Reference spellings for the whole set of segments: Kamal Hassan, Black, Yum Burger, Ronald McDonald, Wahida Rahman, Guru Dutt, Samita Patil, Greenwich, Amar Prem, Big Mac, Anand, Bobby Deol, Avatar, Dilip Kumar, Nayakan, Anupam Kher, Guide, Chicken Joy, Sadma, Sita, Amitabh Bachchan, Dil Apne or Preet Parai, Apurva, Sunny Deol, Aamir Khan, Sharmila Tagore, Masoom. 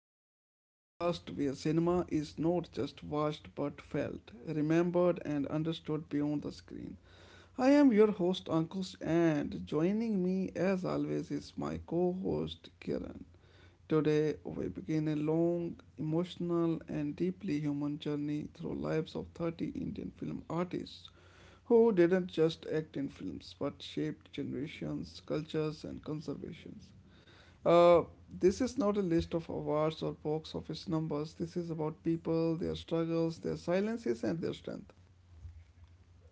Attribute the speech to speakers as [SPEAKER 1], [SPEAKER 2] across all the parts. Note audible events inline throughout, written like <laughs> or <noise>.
[SPEAKER 1] Lives, a podcast where cinema is not just watched but felt, remembered, and understood beyond the screen. I am your host, Ankush, and joining me as always is my co host, Kiran. Today, we begin a long, emotional, and deeply human journey through lives of 30 Indian film artists who didn't just act in films but shaped generations, cultures, and conservations. Uh, this is not a list of awards or box office numbers. This is about people, their struggles, their silences, and their strength.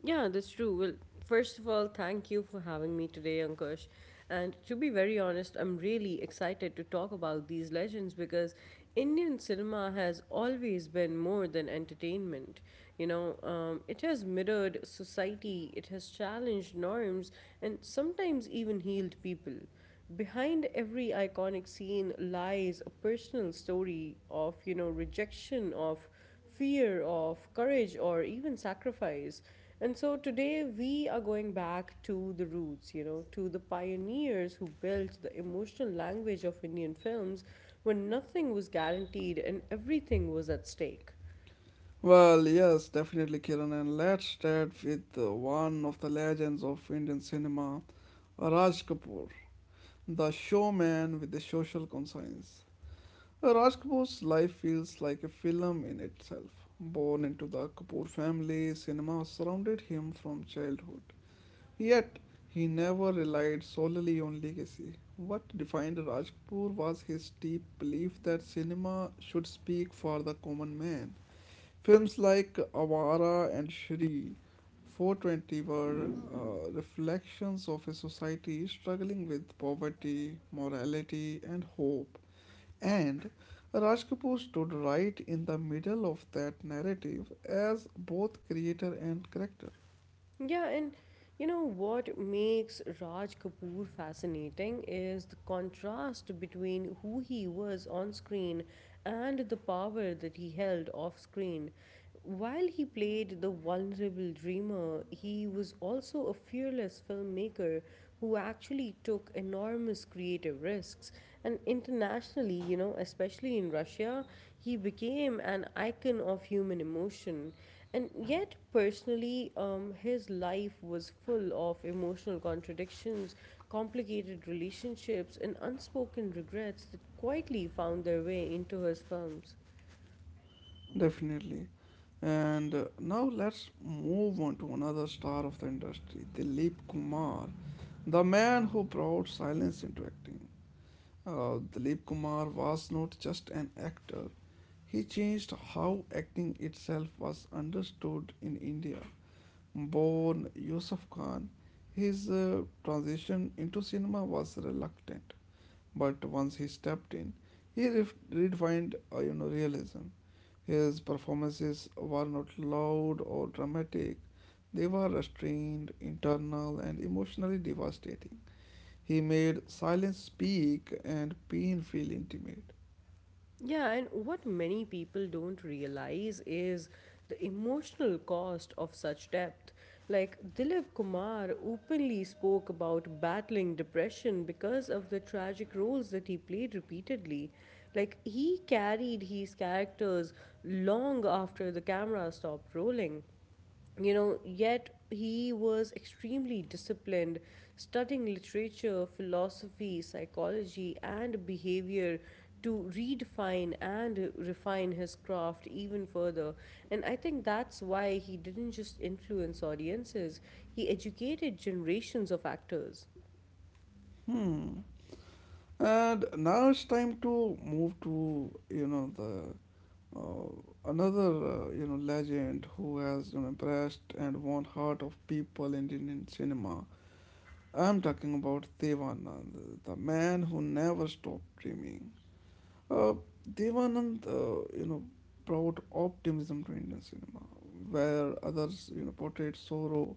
[SPEAKER 2] Yeah, that's true. Well, first of all, thank you for having me today, Ankush. And to be very honest, I'm really excited to talk about these legends because Indian cinema has always been more than entertainment. It has mirrored society, it has challenged norms, and sometimes even healed people behind every iconic scene lies a personal story of rejection, of fear, of courage, or even sacrifice. And so today we are going back to the roots, to the pioneers who built the emotional language of Indian films when nothing was guaranteed and everything was at stake.
[SPEAKER 1] Well, yes, definitely, Kiran. And let's start with one of the legends of Indian cinema, Raj Kapoor, the showman with a social conscience. Raj Kapoor's life feels like a film in itself. Born into the Kapoor family, cinema surrounded him from childhood. Yet, he never relied solely on legacy. What defined Raj Kapoor was his deep belief that cinema should speak for the common man. Films like Awara and Shri 420 were reflections of a society struggling with poverty, morality, and hope. And Raj Kapoor stood right in the middle of that narrative as both creator and character.
[SPEAKER 2] Yeah, and you know what makes Raj Kapoor fascinating is the contrast between who he was on screen and the power that he held off screen. While he played the vulnerable dreamer, he was also a fearless filmmaker who actually took enormous creative risks. And internationally, you know, especially in Russia, he became an icon of human emotion. And yet, personally, his life was full of emotional contradictions, complicated relationships, and unspoken regrets that quietly found their way into his films.
[SPEAKER 1] Definitely. And now let's move on to another star of the industry, Dilip Kumar, the man who brought silence into acting. Dilip Kumar was not just an actor, he changed how acting itself was understood in India. Born Yusuf Khan, his transition into cinema was reluctant but once he stepped in, he redefined realism. His performances were not loud or dramatic; they were restrained, internal, and emotionally devastating. He made silence speak and pain feel intimate.
[SPEAKER 2] Yeah, and what many people don't realize is the emotional cost of such depth. Like, Dilip Kumar openly spoke about battling depression because of the tragic roles that he played repeatedly. Like, he carried his characters long after the camera stopped rolling. You know, yet he was extremely disciplined, studying literature, philosophy, psychology, and behavior to redefine and refine his craft even further. And I think that's why he didn't just influence audiences, he educated generations of actors.
[SPEAKER 1] Hmm. And now it's time to move to you know the another you know legend who has impressed and won heart of people in Indian cinema. I'm talking about Devanand, the man who never stopped dreaming. Uh, Devanand, brought optimism to Indian cinema, where others, portrayed sorrow.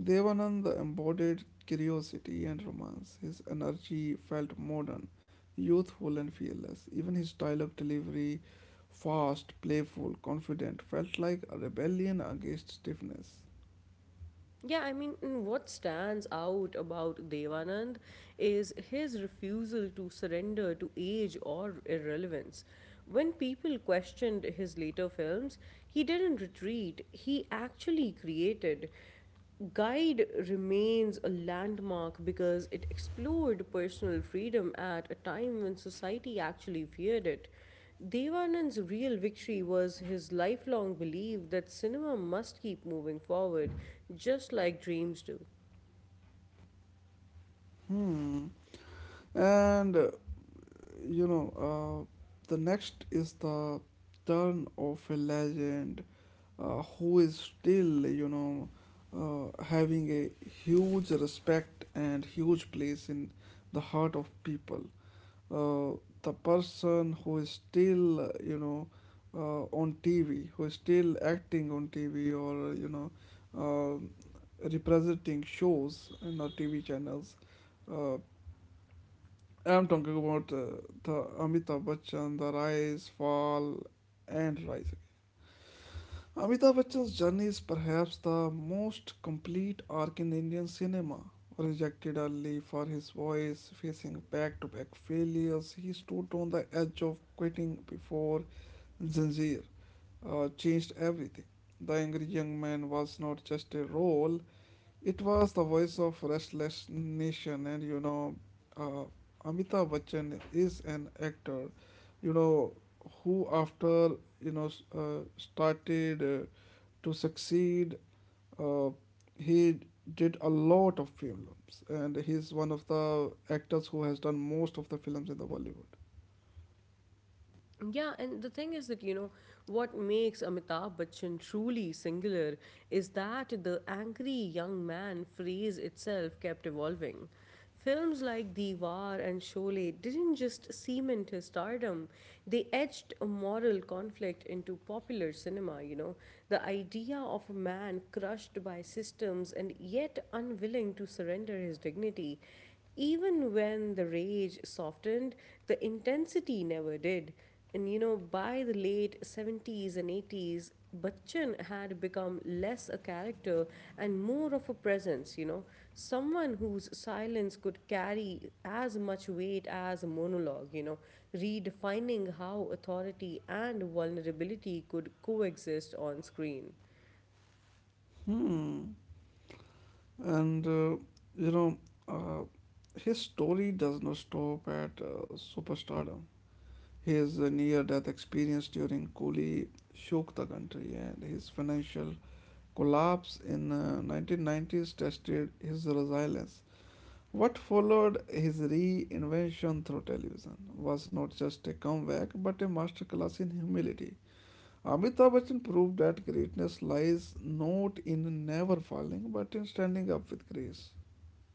[SPEAKER 1] Devanand embodied curiosity and romance. His energy felt modern, youthful, and fearless. Even his dialogue delivery, fast, playful, confident, felt like a rebellion against stiffness.
[SPEAKER 2] Yeah, I mean, what stands out about Devanand is his refusal to surrender to age or irrelevance. When people questioned his later films, he didn't retreat, he actually created. Guide remains a landmark because it explored personal freedom at a time when society actually feared it. Devanand's real victory was his lifelong belief that cinema must keep moving forward, just like dreams do.
[SPEAKER 1] Hmm. And uh, you know, uh, the next is the turn of a legend who is still, having a huge respect and huge place in the heart of people. The person who is still, on TV, who is still acting on TV or, um representing shows in our TV channels. Uh, I'm talking about the Amitabh Bachchan, the rise, fall, and rise. Amitabh Bachchan's journey is perhaps the most complete arc in Indian cinema. Rejected early for his voice, facing back to back failures, he stood on the edge of quitting before Zanjeer changed everything. The Angry Young Man was not just a role, it was the voice of Restless Nation, and uh, Amitabh Bachchan is an actor, you know, who after started to succeed, uh, he did a lot of films, and he's one of the actors who has done most of the films in the Bollywood.
[SPEAKER 2] Yeah, and the thing is that, you know, what makes Amitabh Bachchan truly singular is that the angry young man phrase itself kept evolving. Films like Diwar and Sholay didn't just cement his stardom, they etched a moral conflict into popular cinema, you know. The idea of a man crushed by systems and yet unwilling to surrender his dignity, even when the rage softened, the intensity never did. And you know, by the late 70s and 80s, Bachchan had become less a character and more of a presence, you know, someone whose silence could carry as much weight as a monologue, you know, redefining how authority and vulnerability could coexist on screen.
[SPEAKER 1] Hmm. And uh, you know, uh, his story does not stop at superstardom. His near death experience during Kuli shook the country, and his financial collapse in 1990s tested his resilience. What followed his reinvention through television was not just a comeback but a masterclass in humility. Amitabh Bachchan proved that greatness lies not in never falling but in standing up with grace.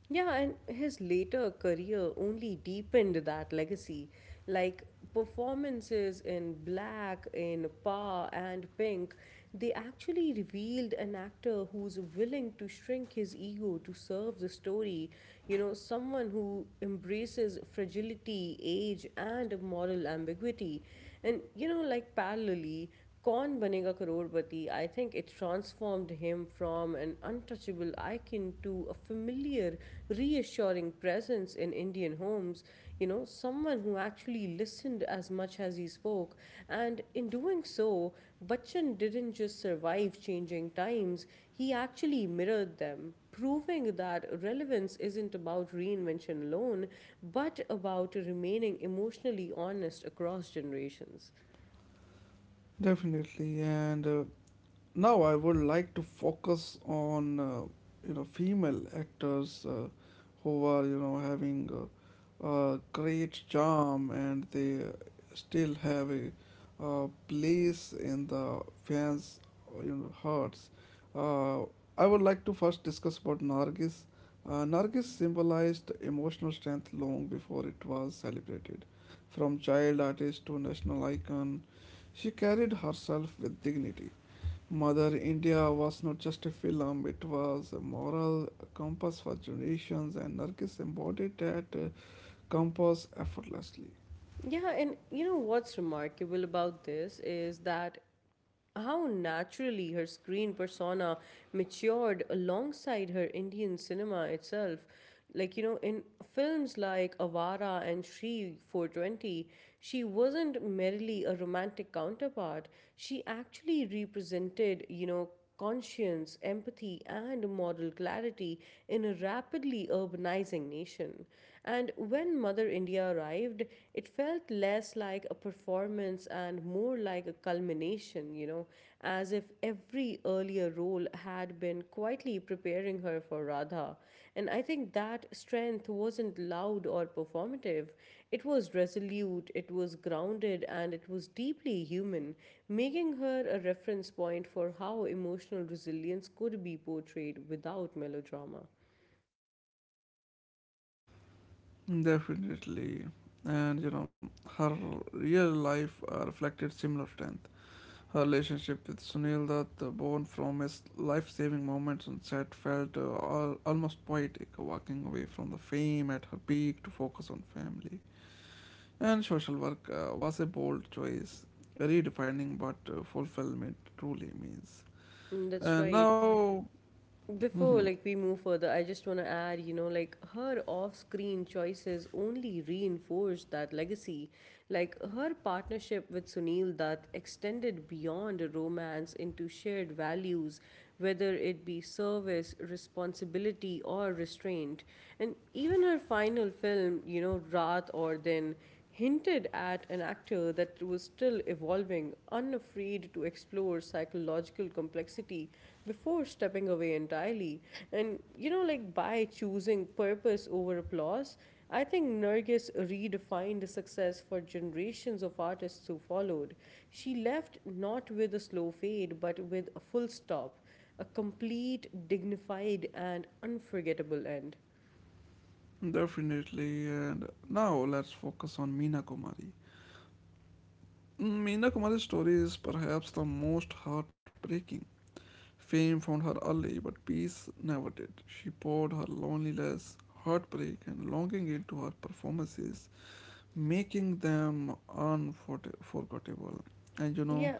[SPEAKER 2] Yeah, and his later career only deepened that legacy. Like, performances in Black, in Pa, and Pink, they actually revealed an actor who's willing to shrink his ego to serve the story. You know, someone who embraces fragility, age, and moral ambiguity. And, you know, like, parallelly, Kaun Banega Crorepati, I think it transformed him from an untouchable icon to a familiar, reassuring presence in Indian homes. You know, someone who actually listened as much as he spoke. And in doing so, Bachchan didn't just survive changing times, he actually mirrored them, proving that relevance isn't about reinvention alone, but about remaining emotionally honest across generations.
[SPEAKER 1] Definitely, and now I would like to focus on female actors who are having a great charm and they still have a place in the fans' hearts. Uh, I would like to first discuss about Nargis. Nargis symbolized emotional strength long before it was celebrated. From child artist to national icon, she carried herself with dignity. Mother India was not just a film, it was a moral compass for generations, and Nargis embodied that compass effortlessly.
[SPEAKER 2] Yeah, and you know what's remarkable about this is that how naturally her screen persona matured alongside her Indian cinema itself. Like, you know, in films like Avara and Shri 420, she wasn't merely a romantic counterpart. She actually represented, you know, conscience, empathy, and moral clarity in a rapidly urbanizing nation. And when Mother India arrived, it felt less like a performance and more like a culmination, you know, as if every earlier role had been quietly preparing her for Radha. And I think that strength wasn't loud or performative, it was resolute, it was grounded, and it was deeply human, making her a reference point for how emotional resilience could be portrayed without melodrama.
[SPEAKER 1] Definitely. And you know, her real life reflected similar strength. Her relationship with Sunil Dutt, born from his life saving moments on set, felt almost poetic, walking away from the fame at her peak to focus on family. And social work was a bold choice, redefining what fulfillment truly means.
[SPEAKER 2] Mm, that's
[SPEAKER 1] And
[SPEAKER 2] right.
[SPEAKER 1] now,
[SPEAKER 2] Before,
[SPEAKER 1] mhm,
[SPEAKER 2] like, we move further, I just want to add, you know, like, her off-screen choices only reinforced that legacy. Like, her partnership with Sunil that extended beyond romance into shared values, whether it be service, responsibility, or restraint. And even her final film, you know, Raat or Din, hinted at an actor that was still evolving, unafraid to explore psychological complexity before stepping away entirely. And, you know, like, by choosing purpose over applause, I think Nergis redefined success for generations of artists who followed. She left not with a slow fade, but with a full stop, a complete, dignified, and unforgettable end.
[SPEAKER 1] definitely, and now let's focus on Meena Kumari. Mm, Meena Kumari's story is perhaps the most heartbreaking. Fame found her early, but peace never did. She poured her loneliness, heartbreak, and longing into her performances, making them unforgettable. And you know,
[SPEAKER 2] Yeah.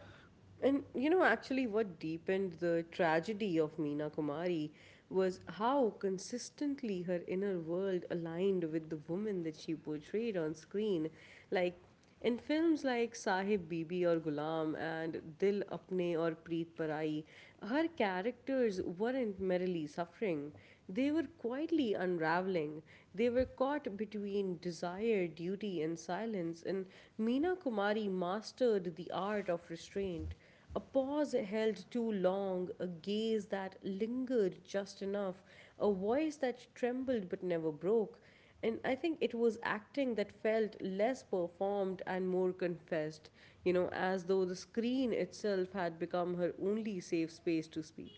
[SPEAKER 2] And you know, actually, what deepened the tragedy of Meena Kumari was how consistently her inner world aligned with the woman that she portrayed on screen. Like, in films like Sahib Bibi or Gulam and Dil Apne or Preet Parai, her characters weren't merely suffering, they were quietly unraveling. They were caught art between desire, duty, and silence, and Meena Kumari mastered the art of restraint. A pause held too long, a gaze that lingered just enough, a voice that trembled but never broke. And I think it was acting that felt less performed and more confessed, you know, as though the screen itself had become her only safe space to speak.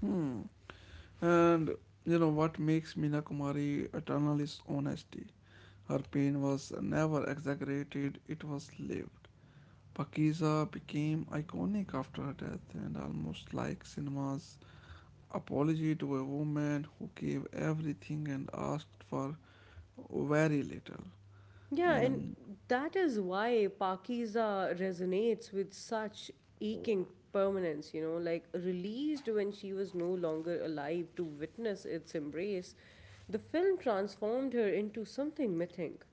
[SPEAKER 1] hmm, And you know what makes Meena Kumari eternal is honesty. Her pain was never exaggerated, it was lived. Pakiza became iconic after her death and almost like cinema's apology to a woman who gave everything and asked for very little.
[SPEAKER 2] Yeah, and
[SPEAKER 1] And
[SPEAKER 2] that is why Pakiza resonates with such aching permanence, you know, like, released when she was no longer alive to witness its embrace. The film transformed her into something mythic.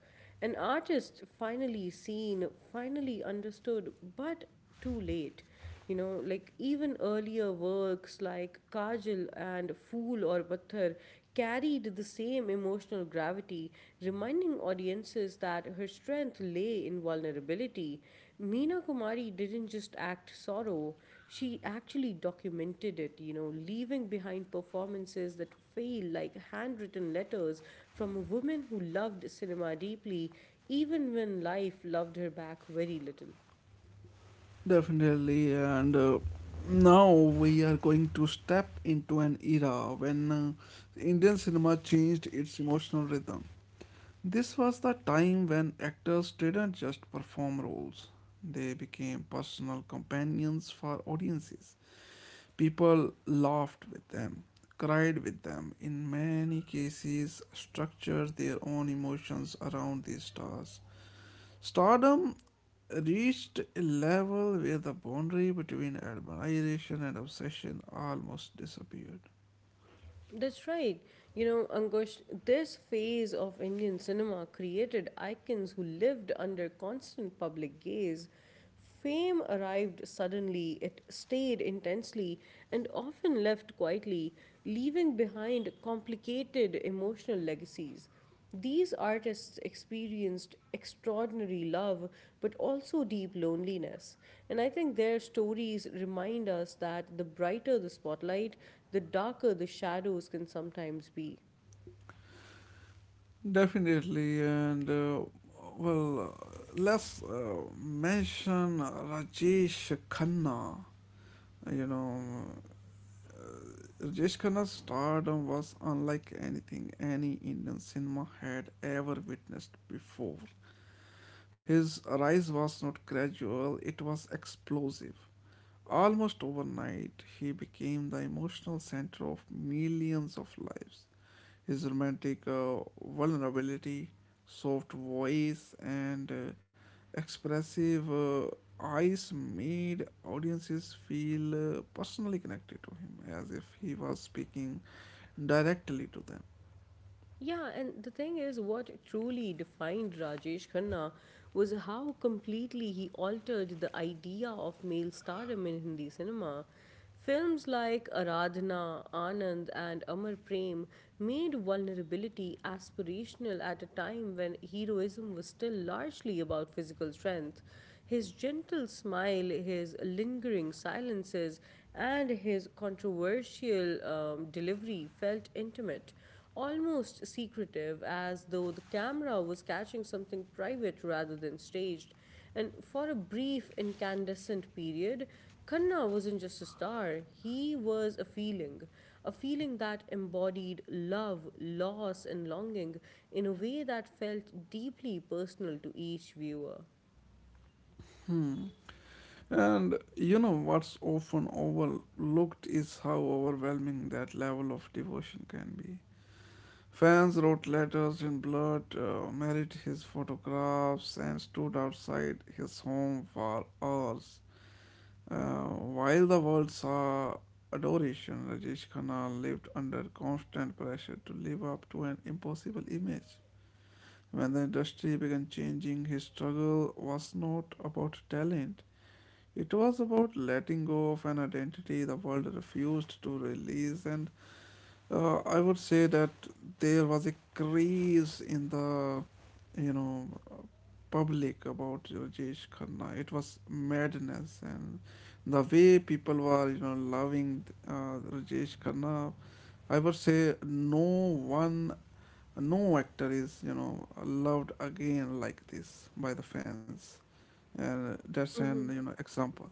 [SPEAKER 2] An artist finally seen, finally understood, but too late. You know, like, even earlier works like Kajal and Fool or Patthar carried the same emotional gravity, reminding audiences that her strength lay in vulnerability. Meena Kumari didn't just act sorrow, she actually documented it, you know, leaving behind performances that feel like handwritten letters from a woman who loved cinema deeply, even when life loved her back very little.
[SPEAKER 1] definitely, and now we are going to step into an era when Indian cinema changed its emotional rhythm. This was the time when actors didn't just perform roles, they became personal companions for audiences. People laughed with them, cried with them, in many cases, structured their own emotions around these stars. Stardom reached a level where the boundary between admiration and obsession almost disappeared.
[SPEAKER 2] That's right. You know, Ankush, this phase of Indian cinema created icons who lived under constant public gaze. Fame arrived suddenly, it stayed intensely, and often left quietly, leaving behind complicated emotional legacies. These artists experienced extraordinary love, but also deep loneliness. And I think their stories remind us that the brighter the spotlight, the darker the shadows can sometimes be.
[SPEAKER 1] Definitely, and let's mention Rajesh Khanna. You know, Rajesh Khanna's stardom was unlike anything any Indian cinema had ever witnessed before. His rise was not gradual, it was explosive. Almost overnight, he became the emotional center of millions of lives. His romantic vulnerability, soft voice, and expressive eyes made audiences feel personally connected to him, as if he was speaking directly to them.
[SPEAKER 2] Yeah, and the thing is, what truly defined Rajesh Khanna was how completely he altered the idea of male stardom in Hindi cinema. Films like Aradhana, Anand, and Amar Prem made vulnerability aspirational at a time when heroism was still largely about physical strength. His gentle smile, his lingering silences, and his controversial delivery felt intimate, almost secretive, as though the camera was catching something private rather than staged. And for a brief incandescent period, Kanna wasn't just a star, he was a feeling. A feeling that embodied love, loss, and longing in a way that felt deeply personal to each viewer.
[SPEAKER 1] And you know what's often overlooked is how overwhelming that level of devotion can be. Fans wrote letters in blood, married his photographs, and stood outside his home for hours. Uh, while the world saw adoration, Rajesh Khanna lived under constant pressure to live up to an impossible image. When the industry began changing, his struggle was not about talent. It was about letting go of an identity the world refused to release, and I would say that there was a craze in the, you know, public about Rajesh Khanna. It was madness, and the way people were, loving Rajesh Khanna. I would say no one, no actor is, loved again like this by the fans, and that's an
[SPEAKER 2] Mm-hmm.
[SPEAKER 1] example.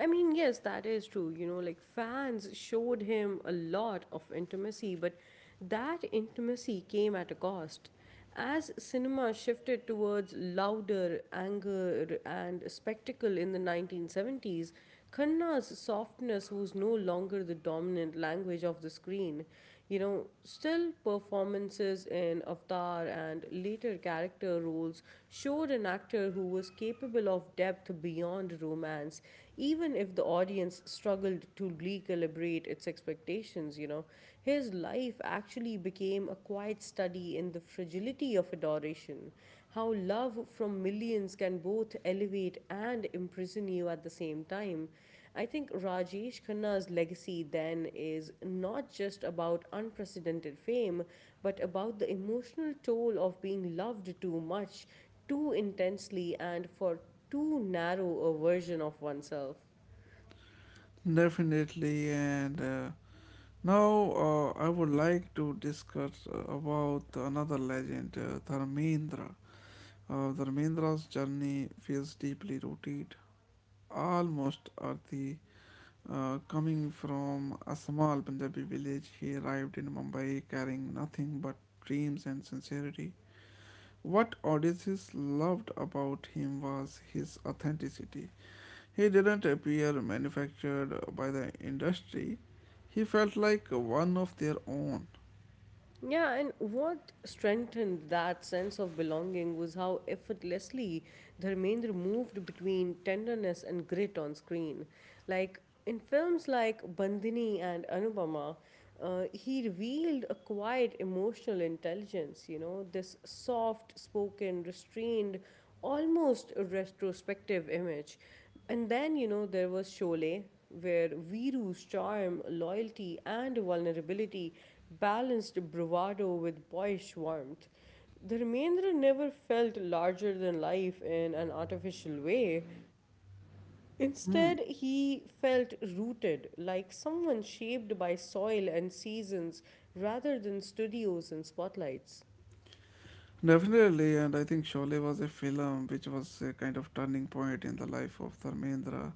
[SPEAKER 2] I mean, yes, that is true. You know, like, fans showed him a lot of intimacy, but that intimacy came at a cost. As cinema shifted towards louder anger and spectacle in the 1970s, Khanna's softness was no longer the dominant language of the screen. You know, still, performances in Avatar and later character roles showed an actor who was capable of depth beyond romance, even if the audience struggled to recalibrate its expectations. You know, his life actually became a quiet study in the fragility of adoration, how love from millions can both elevate and imprison you at the same time. I think Rajesh Khanna's legacy then is not just about unprecedented fame, but about the emotional toll of being loved too much, too intensely, and for too narrow a version of oneself.
[SPEAKER 1] Definitely, and now I would like to discuss about another legend, Dharmendra. Dharmendra's journey feels deeply rooted almost Arti, coming from a small Punjabi village, he arrived in Mumbai carrying nothing but dreams and sincerity. What audiences loved about him was his authenticity. He didn't appear manufactured by the industry, he felt like one of their own.
[SPEAKER 2] Yeah, and what strengthened that sense of belonging was how effortlessly Dharmendra moved between tenderness and grit on screen. Like, in films like Bandhini and Anupama, he revealed a quiet emotional intelligence, you know, this soft spoken, restrained, almost retrospective image. And then, you know, there was Sholay, where Viru's charm, loyalty, and vulnerability balanced bravado with boyish warmth. The Remainder never felt larger than life in an artificial way.
[SPEAKER 1] Hmm.
[SPEAKER 2] Instead, he felt rooted, like someone shaped by soil and seasons rather than studios and spotlights.
[SPEAKER 1] Definitely, and I think Sholay was a film which was a kind of turning point in the life of Dharmendra,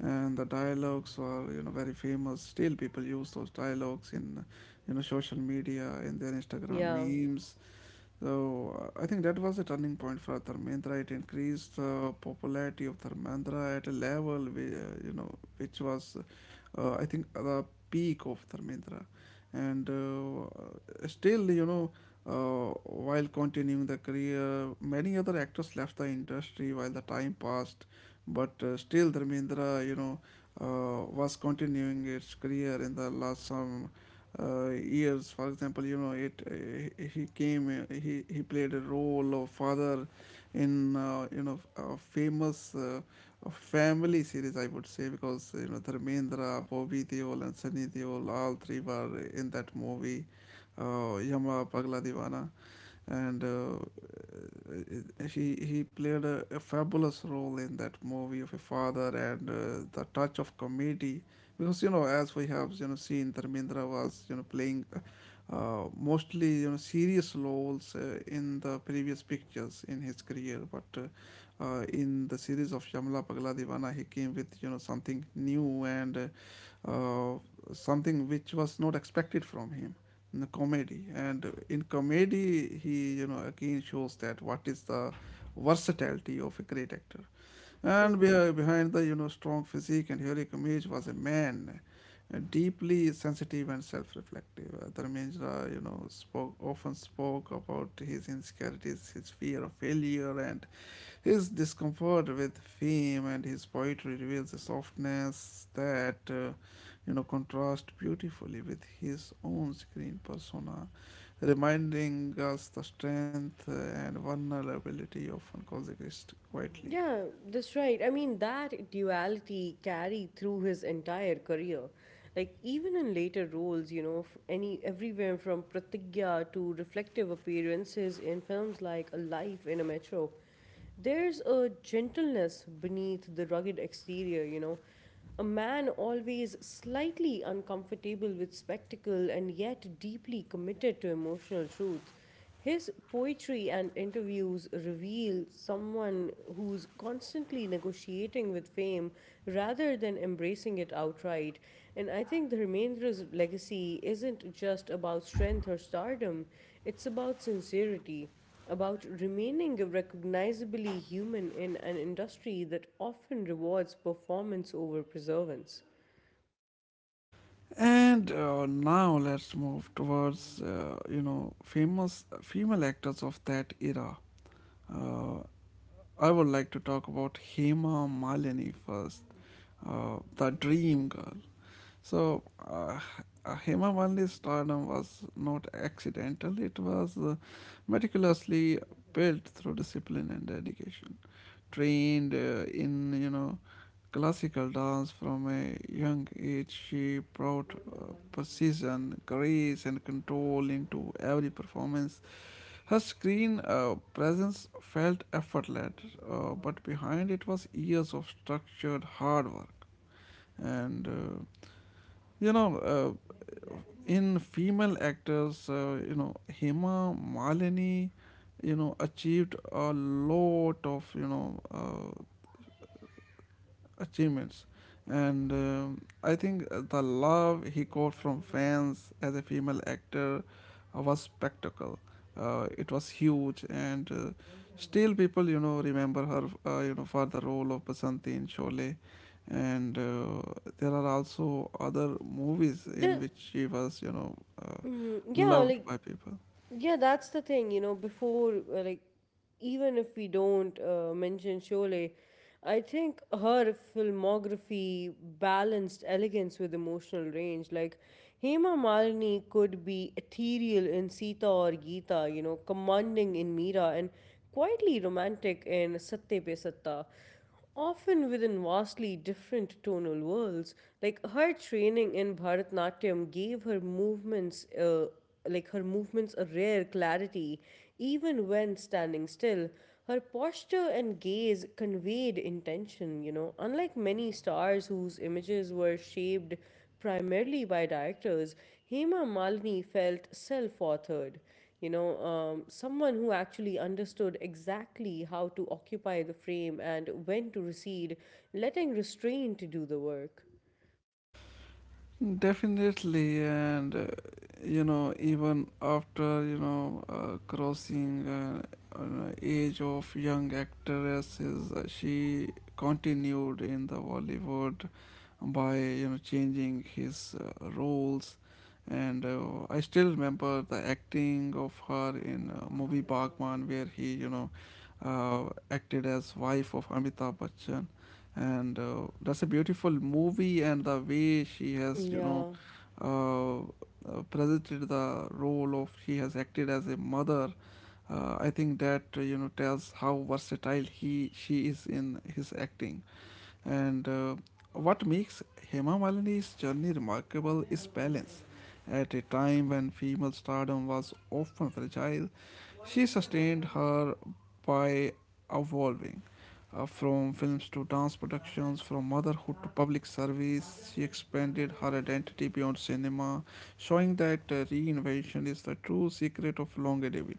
[SPEAKER 1] and the dialogues were very famous. Still, people use those dialogues in social media in their Instagram
[SPEAKER 2] Yeah.
[SPEAKER 1] memes, so I think that was a turning point for Dharmendra. It increased the popularity of Dharmendra at a level, which was, I think, the peak of Dharmendra. And while continuing the career, many other actors left the industry while the time passed. But still, Dharmendra, was continuing its career in the last some years. For example, you know, it he came, he played a role of father in a famous family series, I would say, because you know Dharmendra, Bobby Deol, and Sunny Deol, all three were in that movie, Yama Pagla Divana, and he played a fabulous role in that movie of a father and the touch of comedy because you know as we have seen Dharmendra was playing mostly serious roles in the previous pictures in his career but in the series of Shyamla Pagla Divana he came with something new and uh, uh, something which was not expected from him in the comedy, and in comedy he again shows that what is the versatility of a great actor. And
[SPEAKER 2] Mm-hmm.
[SPEAKER 1] behind the strong physique and heroic image was a man deeply sensitive and self-reflective. Dharmendra, spoke about his insecurities, his fear of failure, and his discomfort with fame, and his poetry reveals a softness that contrasts beautifully with his own screen persona, reminding us the strength and vulnerability often coexist quietly.
[SPEAKER 2] Yeah, that's right. I mean, that duality carried through his entire career. Like, even in later roles, you know, f- any everywhere from Pratigya to reflective appearances in films like A Life in a Metro, there's a gentleness beneath the rugged exterior, you know. A man always slightly uncomfortable with spectacle and yet deeply committed to emotional truth. His poetry and interviews reveal someone who's constantly negotiating with fame rather than embracing it outright. And I think the Remainder's legacy isn't just about strength or stardom, it's about sincerity, about remaining recognizably human in an industry that often rewards performance over preservance.
[SPEAKER 1] And now let's move towards famous female actors of that era. Uh, I would like to talk about Hema Malini first, the dream girl. So, Hema Malini's stardom was not accidental. It was meticulously built through discipline and dedication. Trained in, classical dance from a young age, she brought precision, grace, and control into every performance. Her screen presence felt effortless, but behind it was years of structured hard work. And uh, you know, uh, in female actors, Hema Malini, achieved a lot of achievements. And I think the love he got from fans as a female actor was spectacle. It was huge, and still people, remember her, for the role of Basanti in Sholay. And there are also other movies in
[SPEAKER 2] The
[SPEAKER 1] which she was, uh,
[SPEAKER 2] yeah,
[SPEAKER 1] loved
[SPEAKER 2] like
[SPEAKER 1] by people.
[SPEAKER 2] Yeah, that's the thing, you know, before, even if we don't mention Sholay. I think her filmography balanced elegance with emotional range. Like, Hema Malini could be ethereal in Sita or Geeta, you know, commanding in Meera, and quietly romantic in Satte Pe Satta, often within vastly different tonal worlds. Like, her training in Bharatanatyam gave her movements a rare clarity, even when standing still. Her posture and gaze conveyed intention, you know. Unlike many stars whose images were shaped primarily by directors, Hema Malini felt self authored, someone who actually understood exactly how to occupy the frame and when to recede, letting restraint do the work.
[SPEAKER 1] Definitely, and you know, even after crossing an age of young actresses, she continued in the Bollywood by you know changing his roles, and I still remember the acting of her in movie Bagman, where he you know acted as wife of Amitabh Bachchan. And that's a beautiful movie, and the way she has
[SPEAKER 2] yeah
[SPEAKER 1] uh, presented the role of she has acted as a mother, I think that tells how versatile he she is in his acting. And What makes Hema Malini's journey remarkable is balance. At a time when female stardom was often fragile, she sustained her by evolving from films to dance productions, from motherhood to public service. She expanded her identity beyond cinema, showing that reinvention is the true secret of longevity.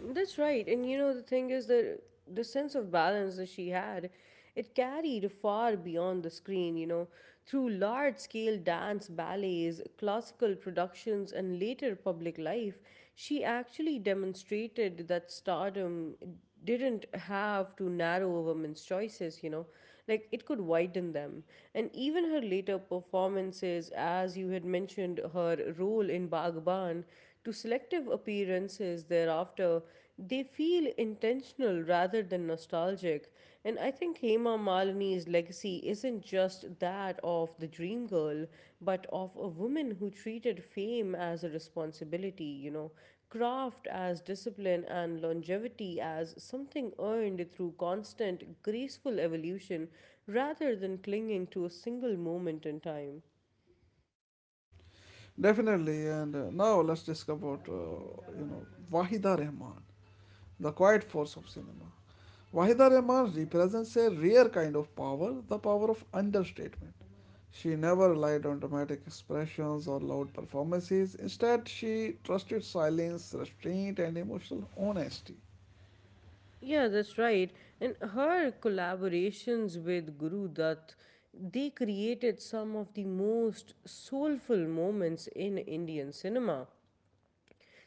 [SPEAKER 2] That's right. And you know, the thing is that the sense of balance that she had, it carried far beyond the screen, you know, through large scale dance ballets, classical productions, and later public life. She actually demonstrated that stardom didn't have to narrow a woman's choices, you know, like it could widen them. And even her later performances, as you had mentioned, her role in Bagban to selective appearances thereafter, they feel intentional rather than nostalgic. And I think Hema Malini's legacy isn't just that of the dream girl, but of a woman who treated fame as a responsibility, you know, craft as discipline and longevity as something earned through constant, graceful evolution rather than clinging to a single moment in time.
[SPEAKER 1] Definitely, and now let's discuss about Wahida Rahman, the quiet force of cinema. Wahida Rehman represents a rare kind of power, the power of understatement. She never relied on dramatic expressions or loud performances. Instead, she trusted silence, restraint, and emotional honesty.
[SPEAKER 2] Yeah, that's right. And her collaborations with Guru Dutt, they created some of the most soulful moments in Indian cinema.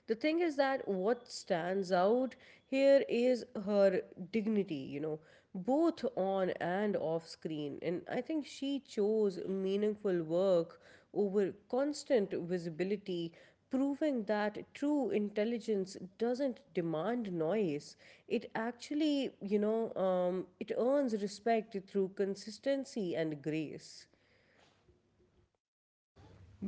[SPEAKER 2] The thing is that what stands out here is her dignity, you know, both on and off screen. And I think she chose meaningful work over constant visibility, proving that true intelligence doesn't demand noise. It actually, it earns respect through consistency and grace.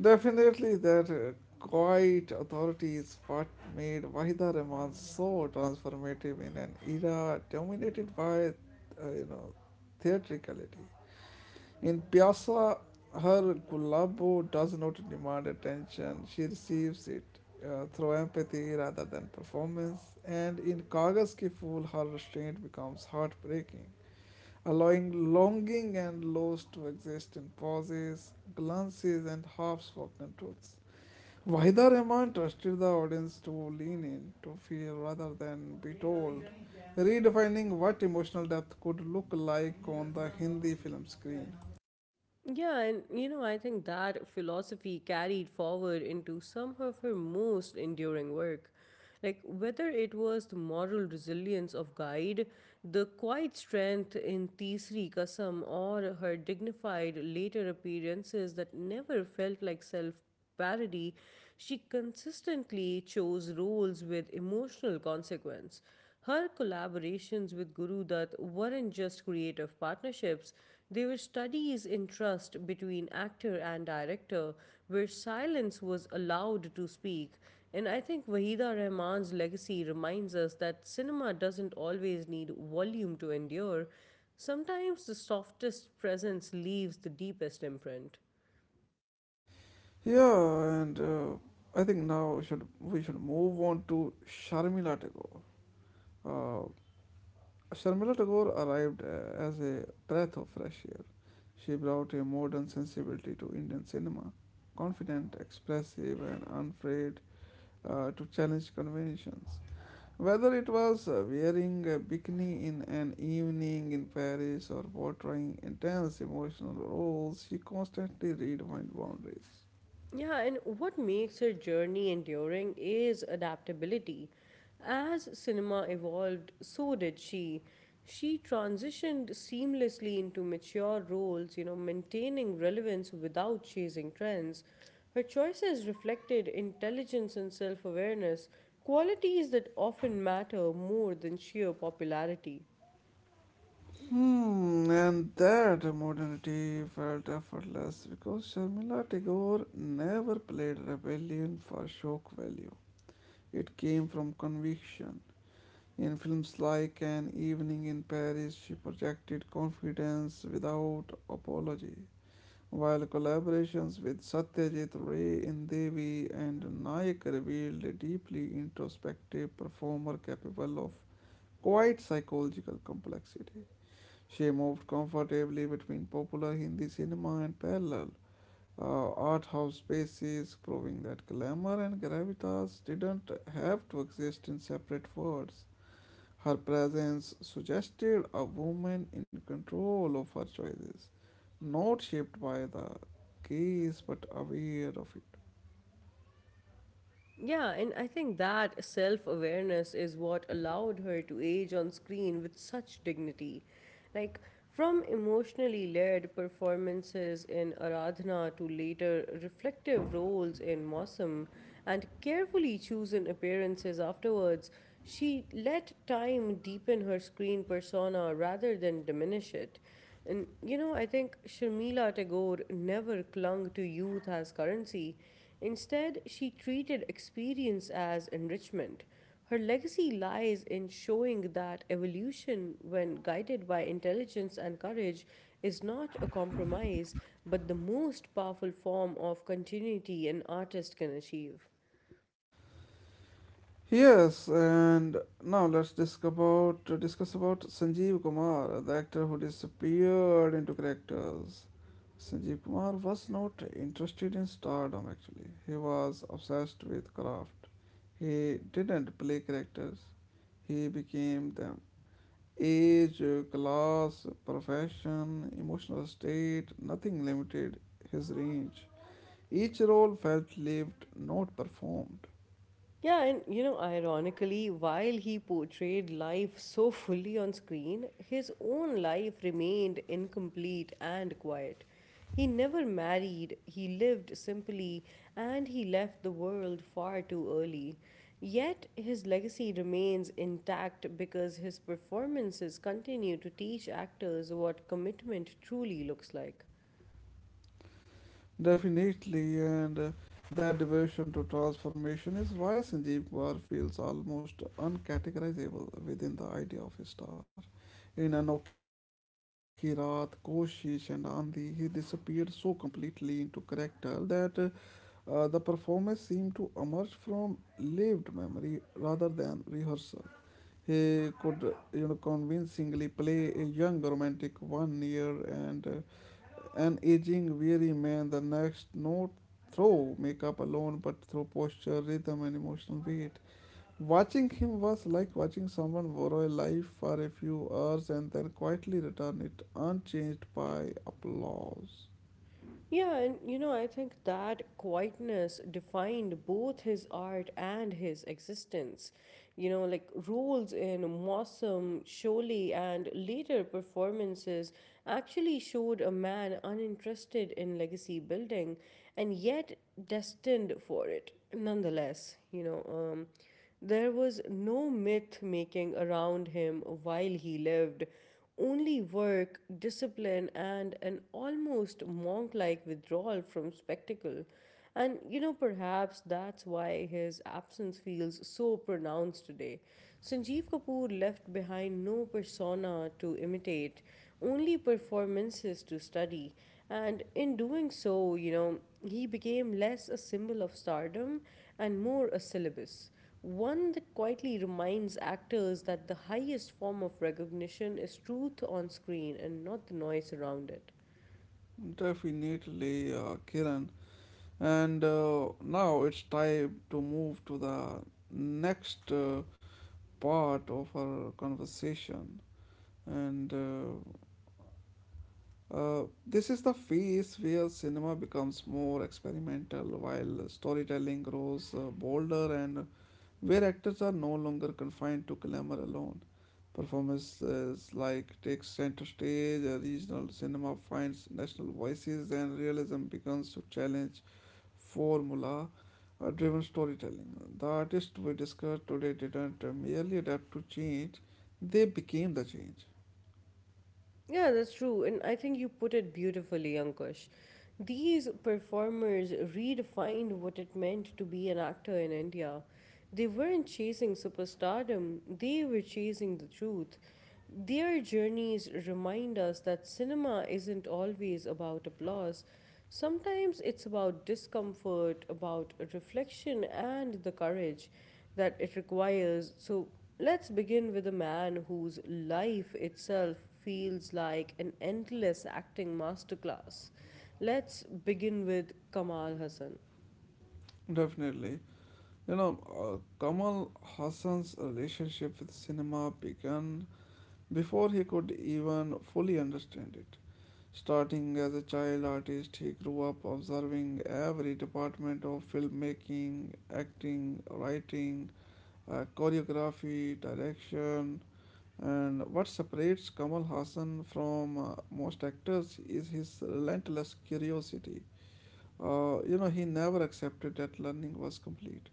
[SPEAKER 1] Definitely, that quiet authority is what made Wahida Rehman so transformative in an era dominated by, theatricality. In Pyasa, her Gulabo does not demand attention, she receives it through empathy rather than performance. And in Kagas Ki Fool, her restraint becomes heartbreaking, allowing longing and loss to exist in pauses, glances, and half spoken truths. Wahida Rahman trusted the audience to lean in, to feel rather than be told, redefining what emotional depth could look like on the Hindi film screen.
[SPEAKER 2] Yeah, and you know, I think that philosophy carried forward into some of her most enduring work. Like, whether it was the moral resilience of Guide, the quiet strength in Tisri Kasam, or her dignified later appearances that never felt like self parody, she consistently chose roles with emotional consequence. Her collaborations with Guru Dutt weren't just creative partnerships, they were studies in trust between actor and director, where silence was allowed to speak. And I think Wahida Rahman's legacy reminds us that cinema doesn't always need volume to endure. Sometimes the softest presence leaves the deepest imprint.
[SPEAKER 1] Yeah, and I think now should move on to Sharmila Tagore. Uh, Sharmila Tagore arrived as a breath of fresh air. She brought a modern sensibility to Indian cinema, confident, expressive, and unafraid to challenge conventions. Whether it was wearing a bikini in an evening in Paris or portraying intense emotional roles, she constantly redefined boundaries.
[SPEAKER 2] Yeah, and what makes her journey enduring is adaptability. As cinema evolved, so did she. She transitioned seamlessly into mature roles, you know, maintaining relevance without chasing trends. Her choices reflected intelligence and self awareness, qualities that often matter more than sheer popularity.
[SPEAKER 1] Hmm, and that modernity felt effortless because Sharmila Tagore never played rebellion for shock value. It came from conviction. In films like An Evening in Paris, she projected confidence without apology, while collaborations with Satyajit Ray in Devi and Nayak revealed a deeply introspective performer capable of quite psychological complexity. She moved comfortably between popular Hindi cinema and parallel art house spaces, proving that glamour and gravitas didn't have to exist in separate worlds. Her presence suggested a woman in control of her choices, not shaped by the gaze but aware of it.
[SPEAKER 2] Yeah, and I think that self awareness is what allowed her to age on screen with such dignity. Like, from emotionally led performances in Aradhana to later reflective roles in Mossam and carefully chosen appearances afterwards, she let time deepen her screen persona rather than diminish it. And you know, I think Sharmila Tagore never clung to youth as currency. Instead, she treated experience as enrichment. Her legacy lies in showing that evolution, when guided by intelligence and courage, is not a compromise, but the most powerful form of continuity an artist can achieve.
[SPEAKER 1] Yes, and now let's discuss about Sanjeev Kumar, the actor who disappeared into characters. Sanjeev Kumar was not interested in stardom actually. He was obsessed with craft. He didn't play characters. He became them. Age, class, profession, emotional state, nothing limited his range. Each role felt lived, not performed.
[SPEAKER 2] Yeah, and you know, ironically, while he portrayed life so fully on screen, his own life remained incomplete and quiet. He never married, he lived simply, and he left the world far too early. Yet his legacy remains intact because his performances continue to teach actors what commitment truly looks like.
[SPEAKER 1] Definitely, and that devotion to transformation is why Sanjeev Kaur feels almost uncategorizable within the idea of a star. In Anokhi Raat, Koshish, and Andi, he disappeared so completely into character that the performance seemed to emerge from lived memory rather than rehearsal. He could, convincingly play a young romantic one year and an aging, weary man, the next not through makeup alone, but through posture, rhythm, and emotional beat. Watching him was like watching someone borrow a life for a few hours and then quietly return it unchanged by applause.
[SPEAKER 2] Yeah, and you know, I think that quietness defined both his art and his existence. You know, like roles in Mossum, Sholay, and later performances actually showed a man uninterested in legacy building and yet destined for it nonetheless. Um, there was no myth making around him while he lived, only work, discipline, and an almost monk like withdrawal from spectacle. And you know, perhaps that's why his absence feels so pronounced today. Sanjeev Kapoor left behind no persona to imitate, only performances to study. And in doing so, you know, he became less a symbol of stardom and more a syllabus. One that quietly reminds actors that the highest form of recognition is truth on screen and not the noise around it.
[SPEAKER 1] Definitely, Kiran. And now it's time to move to the next part of our conversation. And This is the phase where cinema becomes more experimental, while storytelling grows bolder, and where actors are no longer confined to glamour alone. Performances like takes center stage, regional cinema finds national voices, and realism begins to challenge formula driven storytelling. The artists we discussed today didn't merely adapt to change, they became the change.
[SPEAKER 2] Yeah, that's true. And I think you put it beautifully, Ankush. These performers redefined what it meant to be an actor in India. They weren't chasing superstardom, they were chasing the truth. Their journeys remind us that cinema isn't always about applause. Sometimes it's about discomfort, about reflection, and the courage that it requires. So let's begin with a man whose life itself feels like an endless acting masterclass. Let's begin with Kamal Hassan.
[SPEAKER 1] Definitely. You know, uh, Kamal Hassan's relationship with cinema began before he could even fully understand it. Starting as a child artist, he grew up observing every department of filmmaking, acting, writing, choreography, direction. And what separates Kamal Hassan from most actors is his relentless curiosity. He never accepted that learning was complete.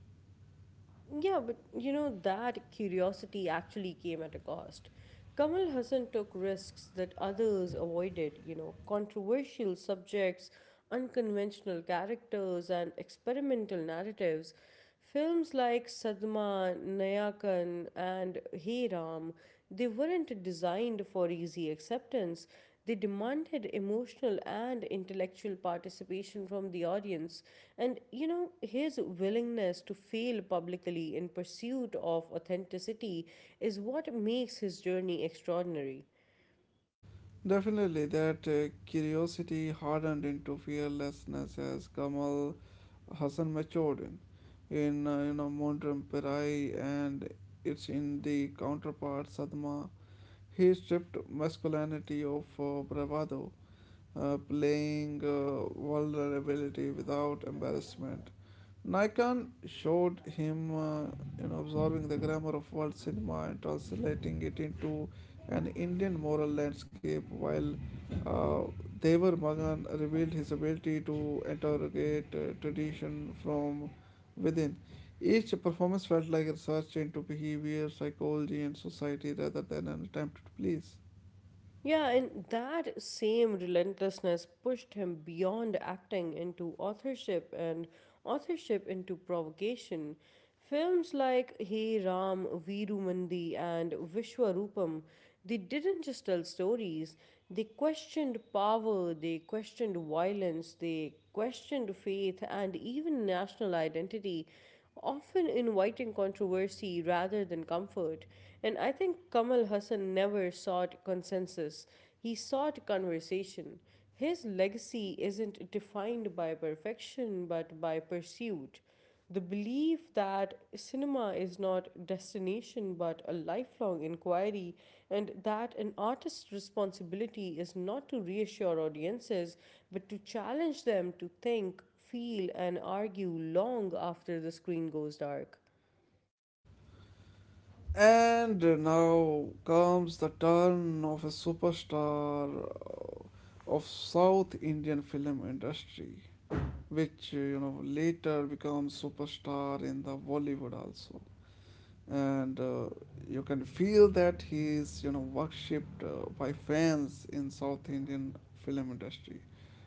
[SPEAKER 2] Yeah, but you know, that curiosity actually came at a cost. Kamal Hassan took risks that others avoided, you know, controversial subjects, unconventional characters, and experimental narratives. Films like Sadma, Nayakan, and Hey Ram, they weren't designed for easy acceptance. They demanded emotional and intellectual participation from the audience, and you know, his willingness to fail publicly in pursuit of authenticity is what makes his journey extraordinary.
[SPEAKER 1] Definitely, that curiosity hardened into fearlessness as Kamal Hassan matured in, in Mondram Pirai and it's in the counterpart Sadma. He stripped masculinity of bravado, playing vulnerability without embarrassment. Nikon showed him, absorbing the grammar of world cinema and translating it into an Indian moral landscape, while uh, Devar Magan revealed his ability to interrogate tradition from within. Each performance felt like a research into behavior, psychology, and society rather than an attempt to please.
[SPEAKER 2] Yeah, and that same relentlessness pushed him beyond acting into authorship and authorship into provocation. Films like Hey Ram, Veeru Mandi, and Vishwarupam, they didn't just tell stories, they questioned power, they questioned violence, they questioned faith, and even national identity, often inviting controversy rather than comfort. And I think Kamal Hassan never sought consensus, he sought conversation. His legacy isn't defined by perfection but by pursuit. The belief that cinema is not destination but a lifelong inquiry, and that an artist's responsibility is not to reassure audiences but to challenge them to think, feel, and argue long after the screen goes dark.
[SPEAKER 1] And now comes the turn of a superstar of South Indian film industry, which later becomes superstar in the Bollywood also. And you can feel that he is you know worshipped by fans in South Indian film industry.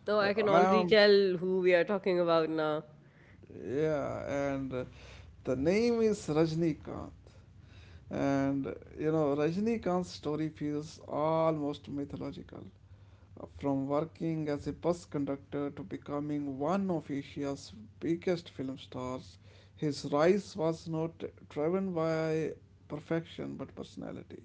[SPEAKER 2] No, I can
[SPEAKER 1] I
[SPEAKER 2] already
[SPEAKER 1] am
[SPEAKER 2] tell who we are talking about now.
[SPEAKER 1] Yeah, and the name is Rajnikant. And you know, Rajnikant's story feels almost mythological. From working as a bus conductor to becoming one of Asia's biggest film stars, his rise was not driven by perfection but personality.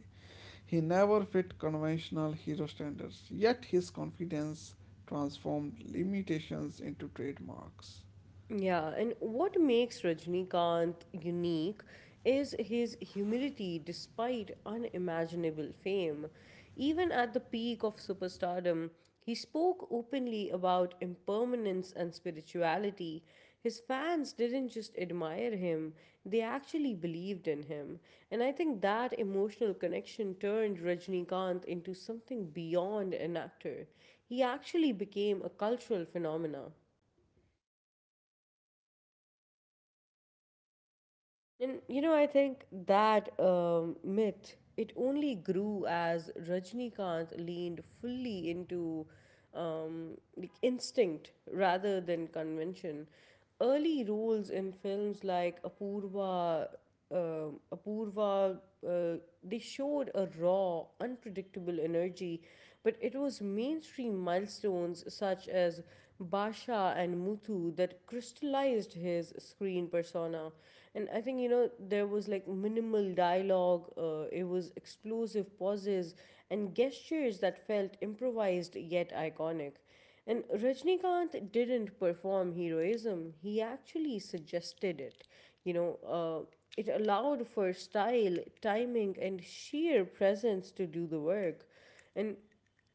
[SPEAKER 1] He never fit conventional hero standards, yet his confidence transformed limitations into trademarks.
[SPEAKER 2] Yeah, and what makes Rajnikant unique is his humility despite unimaginable fame. Even at the peak of superstardom, he spoke openly about impermanence and spirituality. His fans didn't just admire him, they actually believed in him. And I think that emotional connection turned Rajnikant into something beyond an actor. He actually became a cultural phenomena. And you know, I think that myth, it only grew as Rajnikant leaned fully into like instinct rather than convention. Early roles in films like Apurva, uh, they showed a raw, unpredictable energy, but it was mainstream milestones such as Basha and Muthu that crystallized his screen persona. And I think, you know, there was like minimal dialogue, it was explosive pauses and gestures that felt improvised yet iconic. And Rajnikant didn't perform heroism, he actually suggested it. You know, uh, it allowed for style, timing, and sheer presence to do the work. And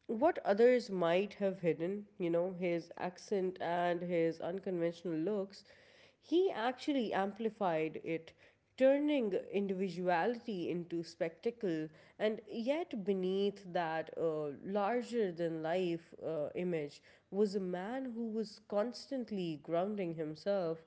[SPEAKER 2] what others might have hidden, you know, his accent and his unconventional looks, he actually amplified it, turning individuality into spectacle, and yet beneath that larger than life image was a man who was constantly grounding himself,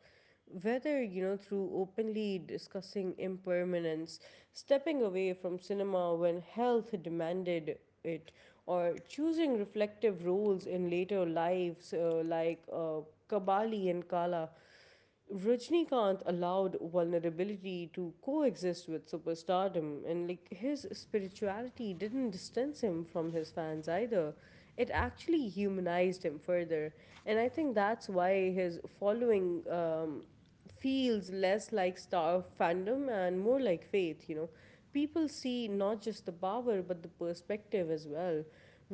[SPEAKER 2] whether you know through openly discussing impermanence, stepping away from cinema when health demanded it, or choosing reflective roles in later lives, kabali and kala. Rajnikant allowed vulnerability to coexist with superstardom, and like his spirituality didn't distance him from his fans either. It actually humanized him further, and I think that's why his following feels less like star fandom and more like faith, you know. People see not just the power but the perspective as well.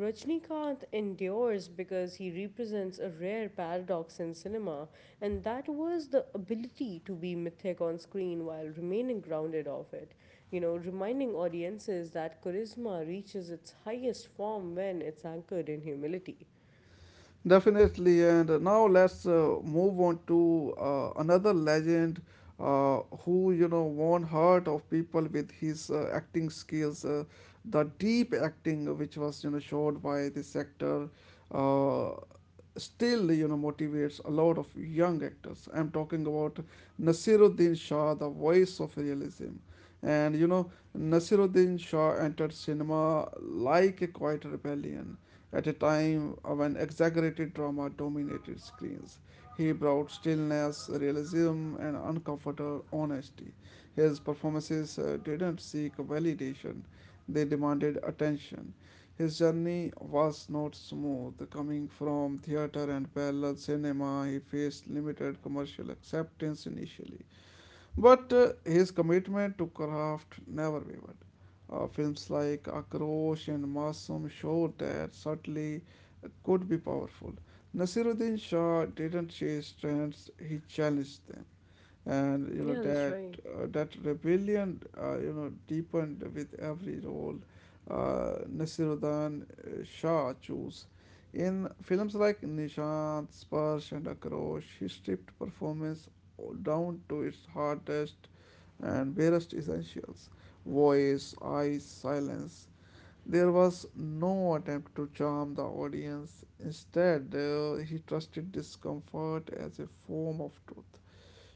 [SPEAKER 2] Rajnikant endures because he represents a rare paradox in cinema, and that was the ability to be mythic on screen while remaining grounded off it, you know, reminding audiences that charisma reaches its highest form when it's anchored in humility.
[SPEAKER 1] Definitely, and now let's move on to another legend who you know won heart of people with his acting skills, the deep acting which was you know showed by this actor. Uh, Still you know motivates a lot of young actors. I'm talking about Nasiruddin Shah, the voice of realism. And you know, Nasiruddin Shah entered cinema like a quiet rebellion. At a time when exaggerated drama dominated screens, he brought stillness, realism, and uncomfortable honesty. His performances didn't seek validation, they demanded attention. His journey was not smooth. Coming from theater and parallel cinema, he faced limited commercial acceptance initially. But his commitment to craft never wavered. Films like Akrosh and Masoom showed that subtly could be powerful. Nasiruddin Shah didn't chase trends, he challenged them, and you know
[SPEAKER 2] Yeah, that's
[SPEAKER 1] that
[SPEAKER 2] right.
[SPEAKER 1] that rebellion deepened with every role Nasiruddin Shah chose. In films like Nishant, Sparsh, and Akrosh, he stripped performance down to its hardest and barest essentials, voice, eyes, silence. There was no attempt to charm the audience. Instead, he trusted discomfort as a form of truth.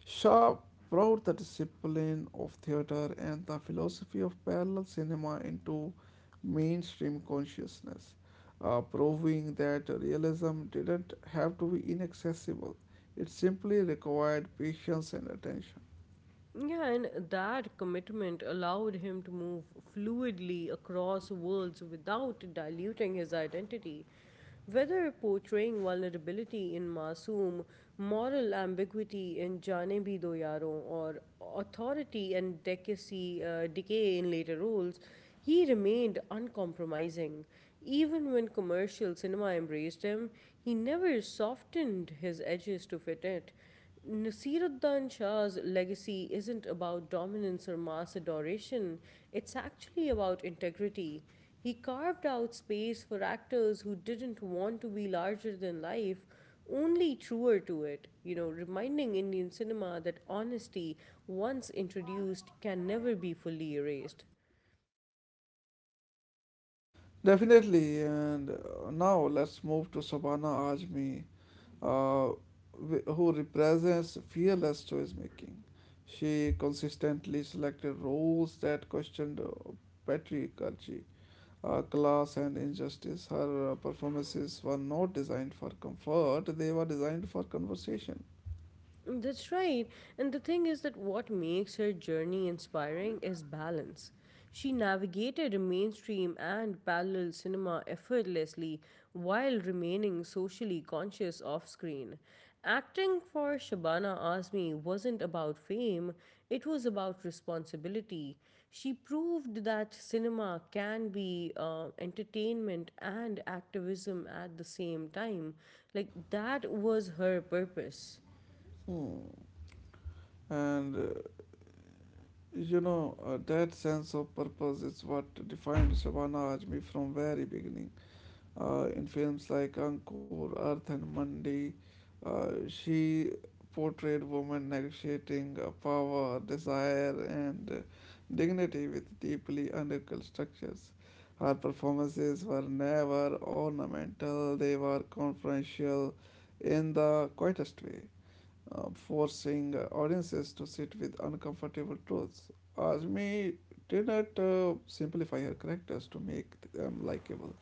[SPEAKER 1] Shaw brought the discipline of theater and the philosophy of parallel cinema into mainstream consciousness, proving that realism didn't have to be inaccessible. It simply required patience and attention.
[SPEAKER 2] Yeah, and that commitment allowed him to move fluidly across worlds without diluting his identity. Whether portraying vulnerability in Masoom, moral ambiguity in Jaane Bhi Do Yaron, or authority and decay in later roles, he remained uncompromising. Even when commercial cinema embraced him, he never softened his edges to fit it. Nasiruddin Shah's legacy isn't about dominance or mass adoration, it's actually about integrity. He carved out space for actors who didn't want to be larger than life, only truer to it, you know, reminding Indian cinema that honesty, once introduced, can never be fully erased.
[SPEAKER 1] Definitely, and now let's move to Sabana Azmi, uh, who represents fearless choice making. She consistently selected roles that questioned patriarchy, class, and injustice. Her performances were not designed for comfort, they were designed for conversation.
[SPEAKER 2] That's right. And the thing is that what makes her journey inspiring is balance. She navigated mainstream and parallel cinema effortlessly while remaining socially conscious off screen. Acting for Shabana Azmi wasn't about fame, it was about responsibility. She proved that cinema can be entertainment and activism at the same time. Like, that was her purpose.
[SPEAKER 1] Hmm. And that sense of purpose is what defined Shabana Azmi from very beginning. In films like Ankur, Earth, and Mandi, she portrayed women negotiating power, desire, and dignity with deeply undercut structures. Her performances were never ornamental, they were confidential in the quietest way, forcing audiences to sit with uncomfortable truths. Azmi did not simplify her characters to make them likable.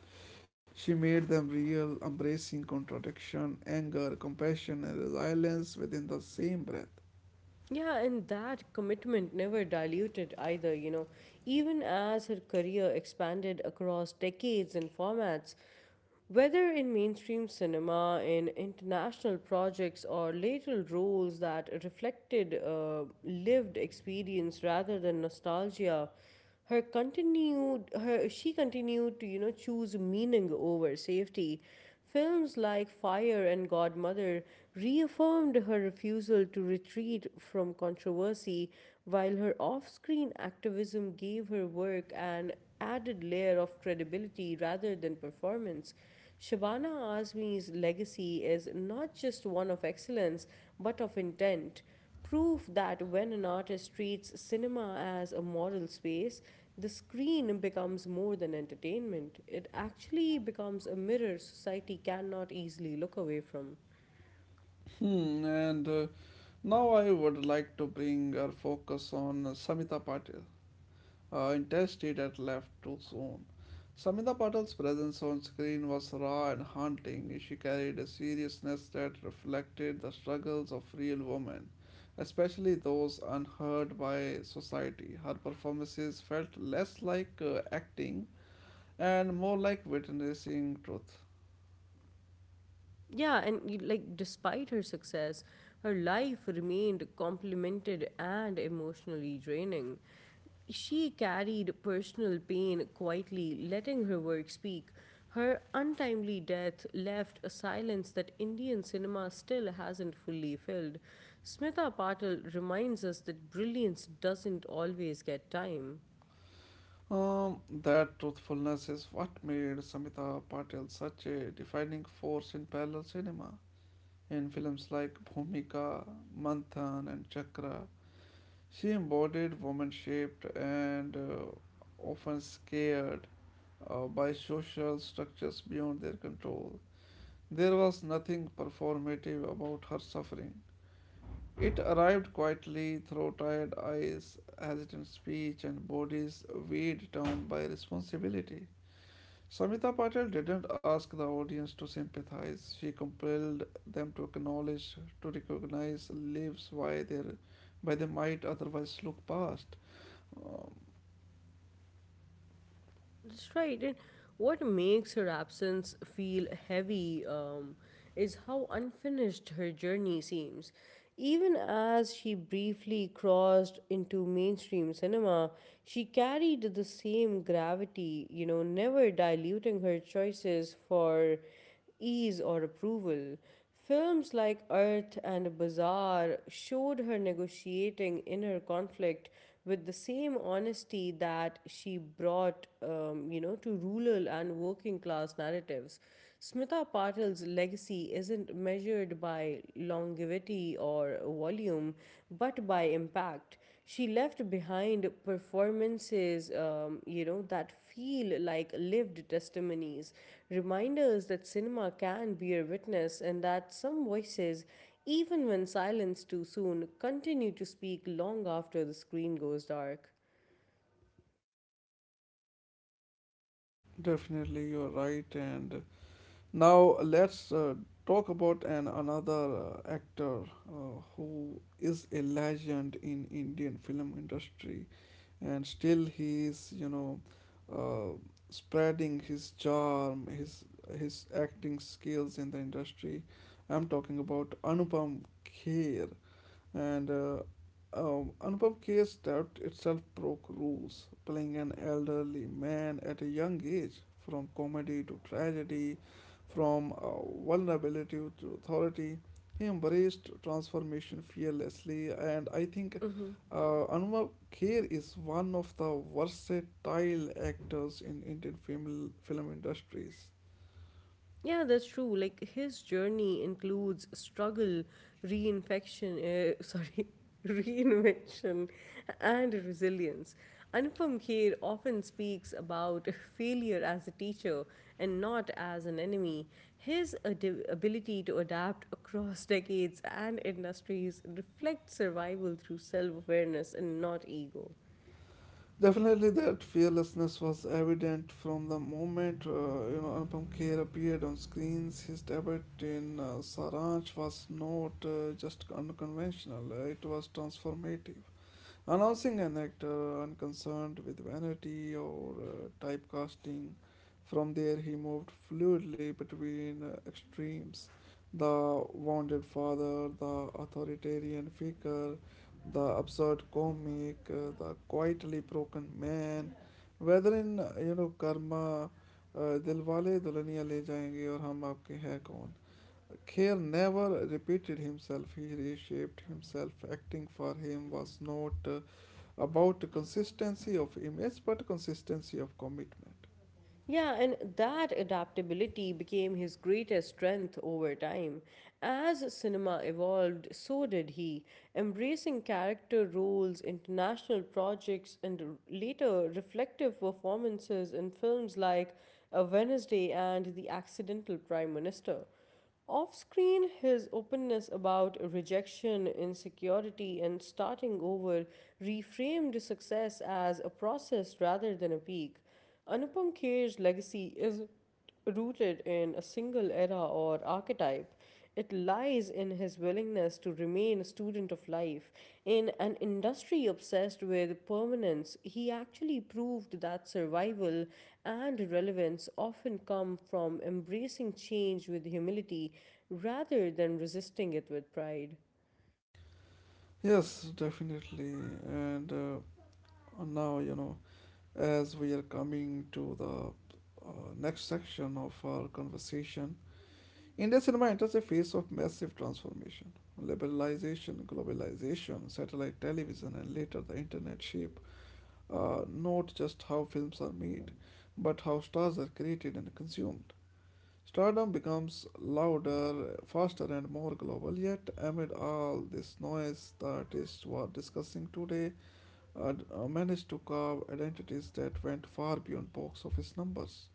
[SPEAKER 1] She made them real, embracing contradiction, anger, compassion, and resilience within the same breath.
[SPEAKER 2] Yeah, and that commitment never diluted either, you know. Even as her career expanded across decades and formats, whether in mainstream cinema, in international projects, or later roles that reflected lived experience rather than nostalgia, her continued her she continued to choose meaning over safety. Films like Fire and Godmother reaffirmed her refusal to retreat from controversy, while her off-screen activism gave her work an added layer of credibility rather than performance. Shabana Azmi's legacy is not just one of excellence but of intent, proof that when an artist treats cinema as a moral space, the screen becomes more than entertainment. It actually becomes a mirror society cannot easily look away from.
[SPEAKER 1] Hmm, and now I would like to bring our focus on Samita Patil, intested at left too soon. Samita Patil's presence on screen was raw and haunting. She carried a seriousness that reflected the struggles of real women, especially those unheard by society. Her performances felt less like acting and more like witnessing truth.
[SPEAKER 2] Yeah, and like despite her success, her life remained complemented and emotionally draining. She carried personal pain quietly, letting her work speak. Her untimely death left a silence that Indian cinema still hasn't fully filled. Smita Patil reminds us that brilliance doesn't always get time.
[SPEAKER 1] That truthfulness is what made Samita Patel such a defining force in parallel cinema. In films like Bhumika, Manthan, and Chakra, she embodied woman shaped and often scared by social structures beyond their control. There was nothing performative about her suffering. It arrived quietly, through tired eyes, hesitant speech, and bodies weighed down by responsibility. Samita Patel didn't ask the audience to sympathize. She compelled them to acknowledge, to recognize lives why they by they might otherwise look past. Um,
[SPEAKER 2] That's right. And what makes her absence feel heavy is how unfinished her journey seems. Even as she briefly crossed into mainstream cinema, she carried the same gravity, you know, never diluting her choices for ease or approval. Films like Earth and Bazaar showed her negotiating inner conflict with the same honesty that she brought, to rural and working class narratives. Smita Patil's legacy isn't measured by longevity or volume, but by impact. She left behind performances, that feel like lived testimonies, reminders that cinema can bear witness and that some voices, even when silenced too soon, continue to speak long after the screen goes dark.
[SPEAKER 1] Definitely, you're right. And now let's talk about an another actor who is a legend in Indian film industry. And still he is uh, spreading his charm his acting skills in the industry. I'm talking about Anupam Kher. And Anupam Kher's doubt itself broke rules, playing an elderly man at a young age, from comedy to tragedy, from vulnerability to authority. He embraced transformation fearlessly, and I think Anupam Kher is one of the versatile actors in Indian film industries.
[SPEAKER 2] Yeah, that's true. Like his journey includes struggle, <laughs> sorry, reinvention, and resilience. Anupam Kher often speaks about <laughs> failure as a teacher and not as an enemy. His ability to adapt across <laughs> decades and industries reflects survival through self awareness and not ego.
[SPEAKER 1] Definitely, that fearlessness was evident from the moment you know, Anupam Kher appeared on screens. His debut in Saranch was not just unconventional; it was transformative. Announcing an actor unconcerned with vanity or typecasting, from there he moved fluidly between extremes, the wounded father, the authoritarian figure, the absurd comic, the quietly broken man. Whether in you know, Karma, uh, Dilwale Dulhaniya Le Jayenge or Hum Aapke Hai Kaun, Kher never repeated himself. He reshaped himself. Acting for him was not about the consistency of image but consistency of commitment.
[SPEAKER 2] Yeah, and that adaptability became his greatest strength over time. As cinema evolved, so did he, embracing character roles, international projects, and later reflective performances in films like A Wednesday and The Accidental Prime Minister. Off screen, his openness about rejection, insecurity, and starting over reframed success as a process rather than a peak. Anupam Kher's legacy is rooted in a single era or archetype. It lies in his willingness to remain a student of life. In an industry obsessed with permanence, he actually proved that survival and relevance often come from embracing change with humility rather than resisting it with pride.
[SPEAKER 1] Yes, definitely, and now you know, as we are coming to the next section of our conversation, Indian cinema enters a phase of massive transformation. Liberalization, globalization, satellite television, and later the internet shape not just how films are made, but how stars are created and consumed. Stardom becomes louder, faster, and more global. Yet, amid all this noise, the artists we are discussing today managed to carve identities that went far beyond box office numbers.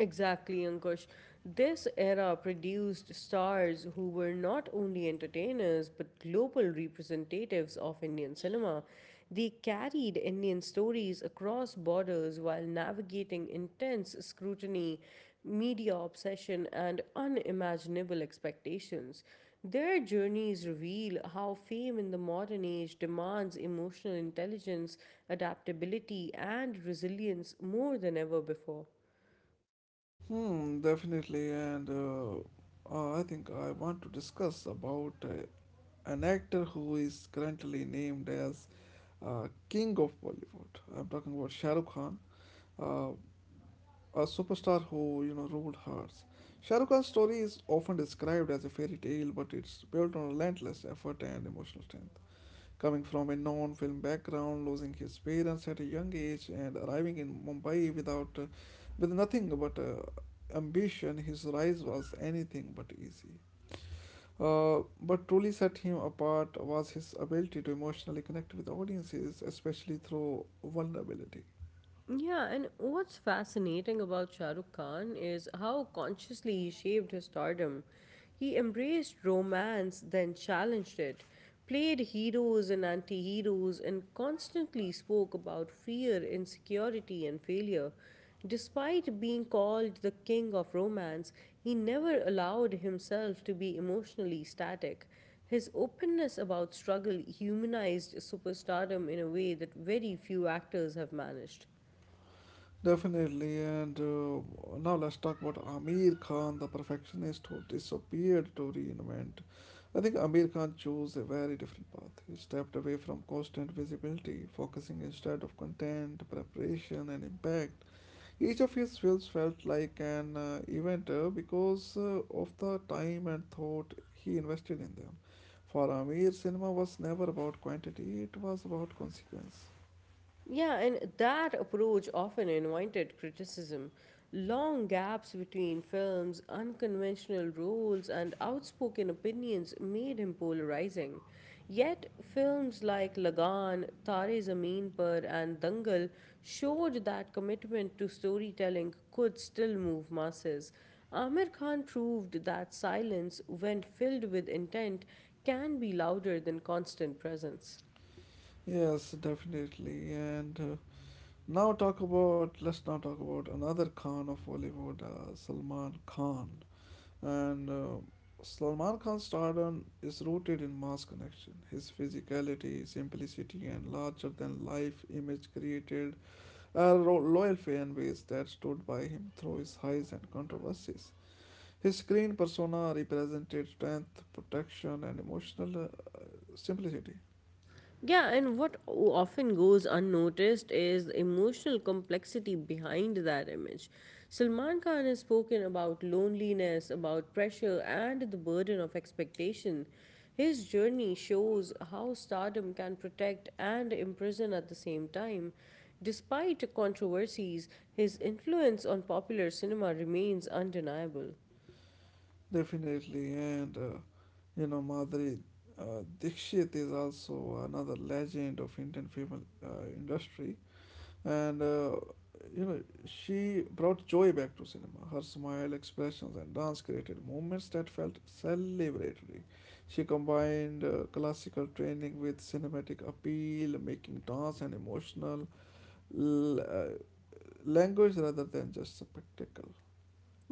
[SPEAKER 2] Exactly, Ankush. This era produced stars who were not only entertainers but global representatives of Indian cinema. They carried Indian stories across borders while navigating intense scrutiny, media obsession, and unimaginable expectations. Their journeys reveal how fame in the modern age demands emotional intelligence, adaptability, and resilience more than ever before.
[SPEAKER 1] Hmm, definitely, and I think I want to discuss about an actor who is currently named as King of Bollywood. I'm talking about Shah Rukh Khan. Uh, a superstar who, you know, ruled hearts. Shah Rukh Khan's story is often described as a fairy tale, but it's built on relentless effort and emotional strength. Coming from a non-film background, losing his parents at a young age, and arriving in Mumbai with nothing but ambition, his rise was anything but easy. But truly set him apart was his ability to emotionally connect with audiences, especially through vulnerability.
[SPEAKER 2] Yeah, and what's fascinating about Shah Rukh Khan is how consciously he shaped his stardom. He embraced romance, then challenged it, played heroes and anti heroes, and constantly spoke about fear, insecurity, and failure. Despite being called the king of romance, he never allowed himself to be emotionally static. His openness about struggle humanized superstardom in a way that very few actors have managed.
[SPEAKER 1] Definitely, and now let's talk about Amir Khan, the perfectionist who disappeared to reinvent. I think Amir Khan chose a very different path. He stepped away from constant visibility, focusing instead of content, preparation, and impact. Each of his films felt like an event because of the time and thought he invested in them. For Amir, cinema was never about quantity, it was about consequence.
[SPEAKER 2] Yeah, and that approach often invited criticism. Long gaps between films, unconventional roles, and outspoken opinions made him polarizing. Yet, films like Lagan, Tare Zameen Par, and Dangal showed that commitment to storytelling could still move masses. Amir Khan proved that silence, when filled with intent, can be louder than constant presence.
[SPEAKER 1] Yes, definitely, and Now talk about let's now talk about another Khan of Bollywood, Salman Khan. And Salman Khan's stardom is rooted in mass connection. His physicality, simplicity, and larger-than-life image created loyal fan base that stood by him through his highs and controversies. His screen persona represented strength, protection, and emotional simplicity.
[SPEAKER 2] Yeah, and what often goes unnoticed is the emotional complexity behind that image. Salman Khan has spoken about loneliness, about pressure, and the burden of expectation. His journey shows how stardom can protect and imprison at the same time. Despite controversies, his influence on popular cinema remains undeniable.
[SPEAKER 1] Definitely, and you know, Madhuri Dikshit is also another legend of Indian film industry, and you know, she brought joy back to cinema. Her smile, expressions, and dance created moments that felt celebratory. She combined classical training with cinematic appeal, making dance an emotional l- uh, language rather than just spectacle.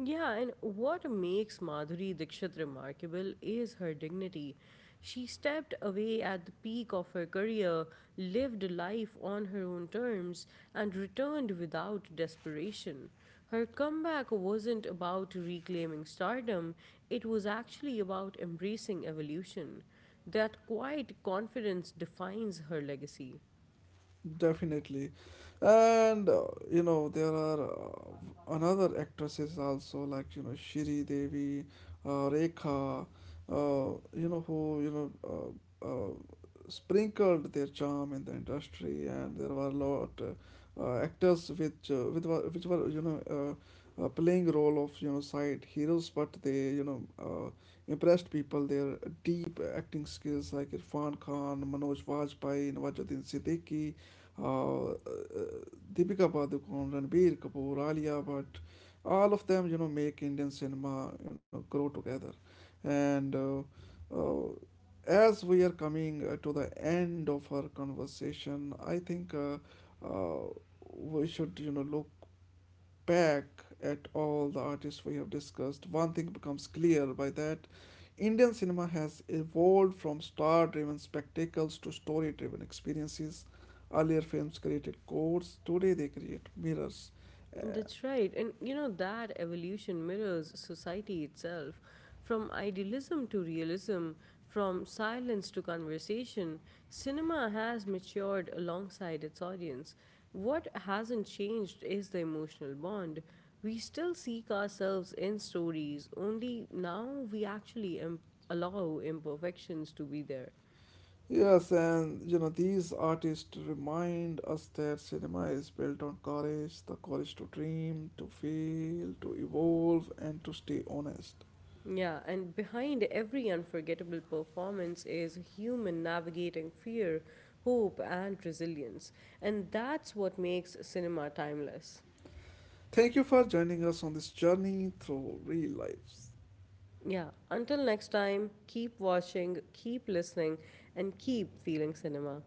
[SPEAKER 2] Yeah, and what makes Madhuri Dixit remarkable is her dignity. She stepped away at the peak of her career, lived life on her own terms, and returned without desperation. Her comeback wasn't about reclaiming stardom, it was actually about embracing evolution. That quiet confidence defines her legacy.
[SPEAKER 1] Definitely. And You know, there are another actresses also like you know, Shri Devi, Rekha, you know, who uh, uh, sprinkled their charm in the industry, and there were a lot actors which were, you know, playing role of, you know, side heroes, but they, impressed people their deep acting skills like Irfan Khan, Manoj Vajpayee, Nawazuddin Siddiqui, uh, Deepika Padukone, Ranbir Kapoor, Alia Bhatt, all of them, you know, make Indian cinema, you know, grow together. And uh, as we are coming to the end of our conversation, I think uh, we should, you know, look back at all the artists we have discussed. One thing becomes clear by that Indian cinema has evolved from star driven spectacles to story driven experiences. Earlier films created codes, today they create mirrors. Uh,
[SPEAKER 2] That's right. And you know, that evolution mirrors society itself. From idealism to realism, from silence to conversation, cinema has matured alongside its audience. What hasn't changed is the emotional bond. We still seek ourselves in stories, only now we actually allow imperfections to be there.
[SPEAKER 1] yes, and you know, these artists remind us that cinema is built on courage, the courage to dream, to fail, to evolve, and to stay honest.
[SPEAKER 2] Yeah, and behind every unforgettable performance is a human navigating fear, hope, and resilience. And that's what makes cinema timeless.
[SPEAKER 1] Thank you for joining us on this journey through real lives.
[SPEAKER 2] Yeah, until next time, keep watching, keep listening, and keep feeling cinema.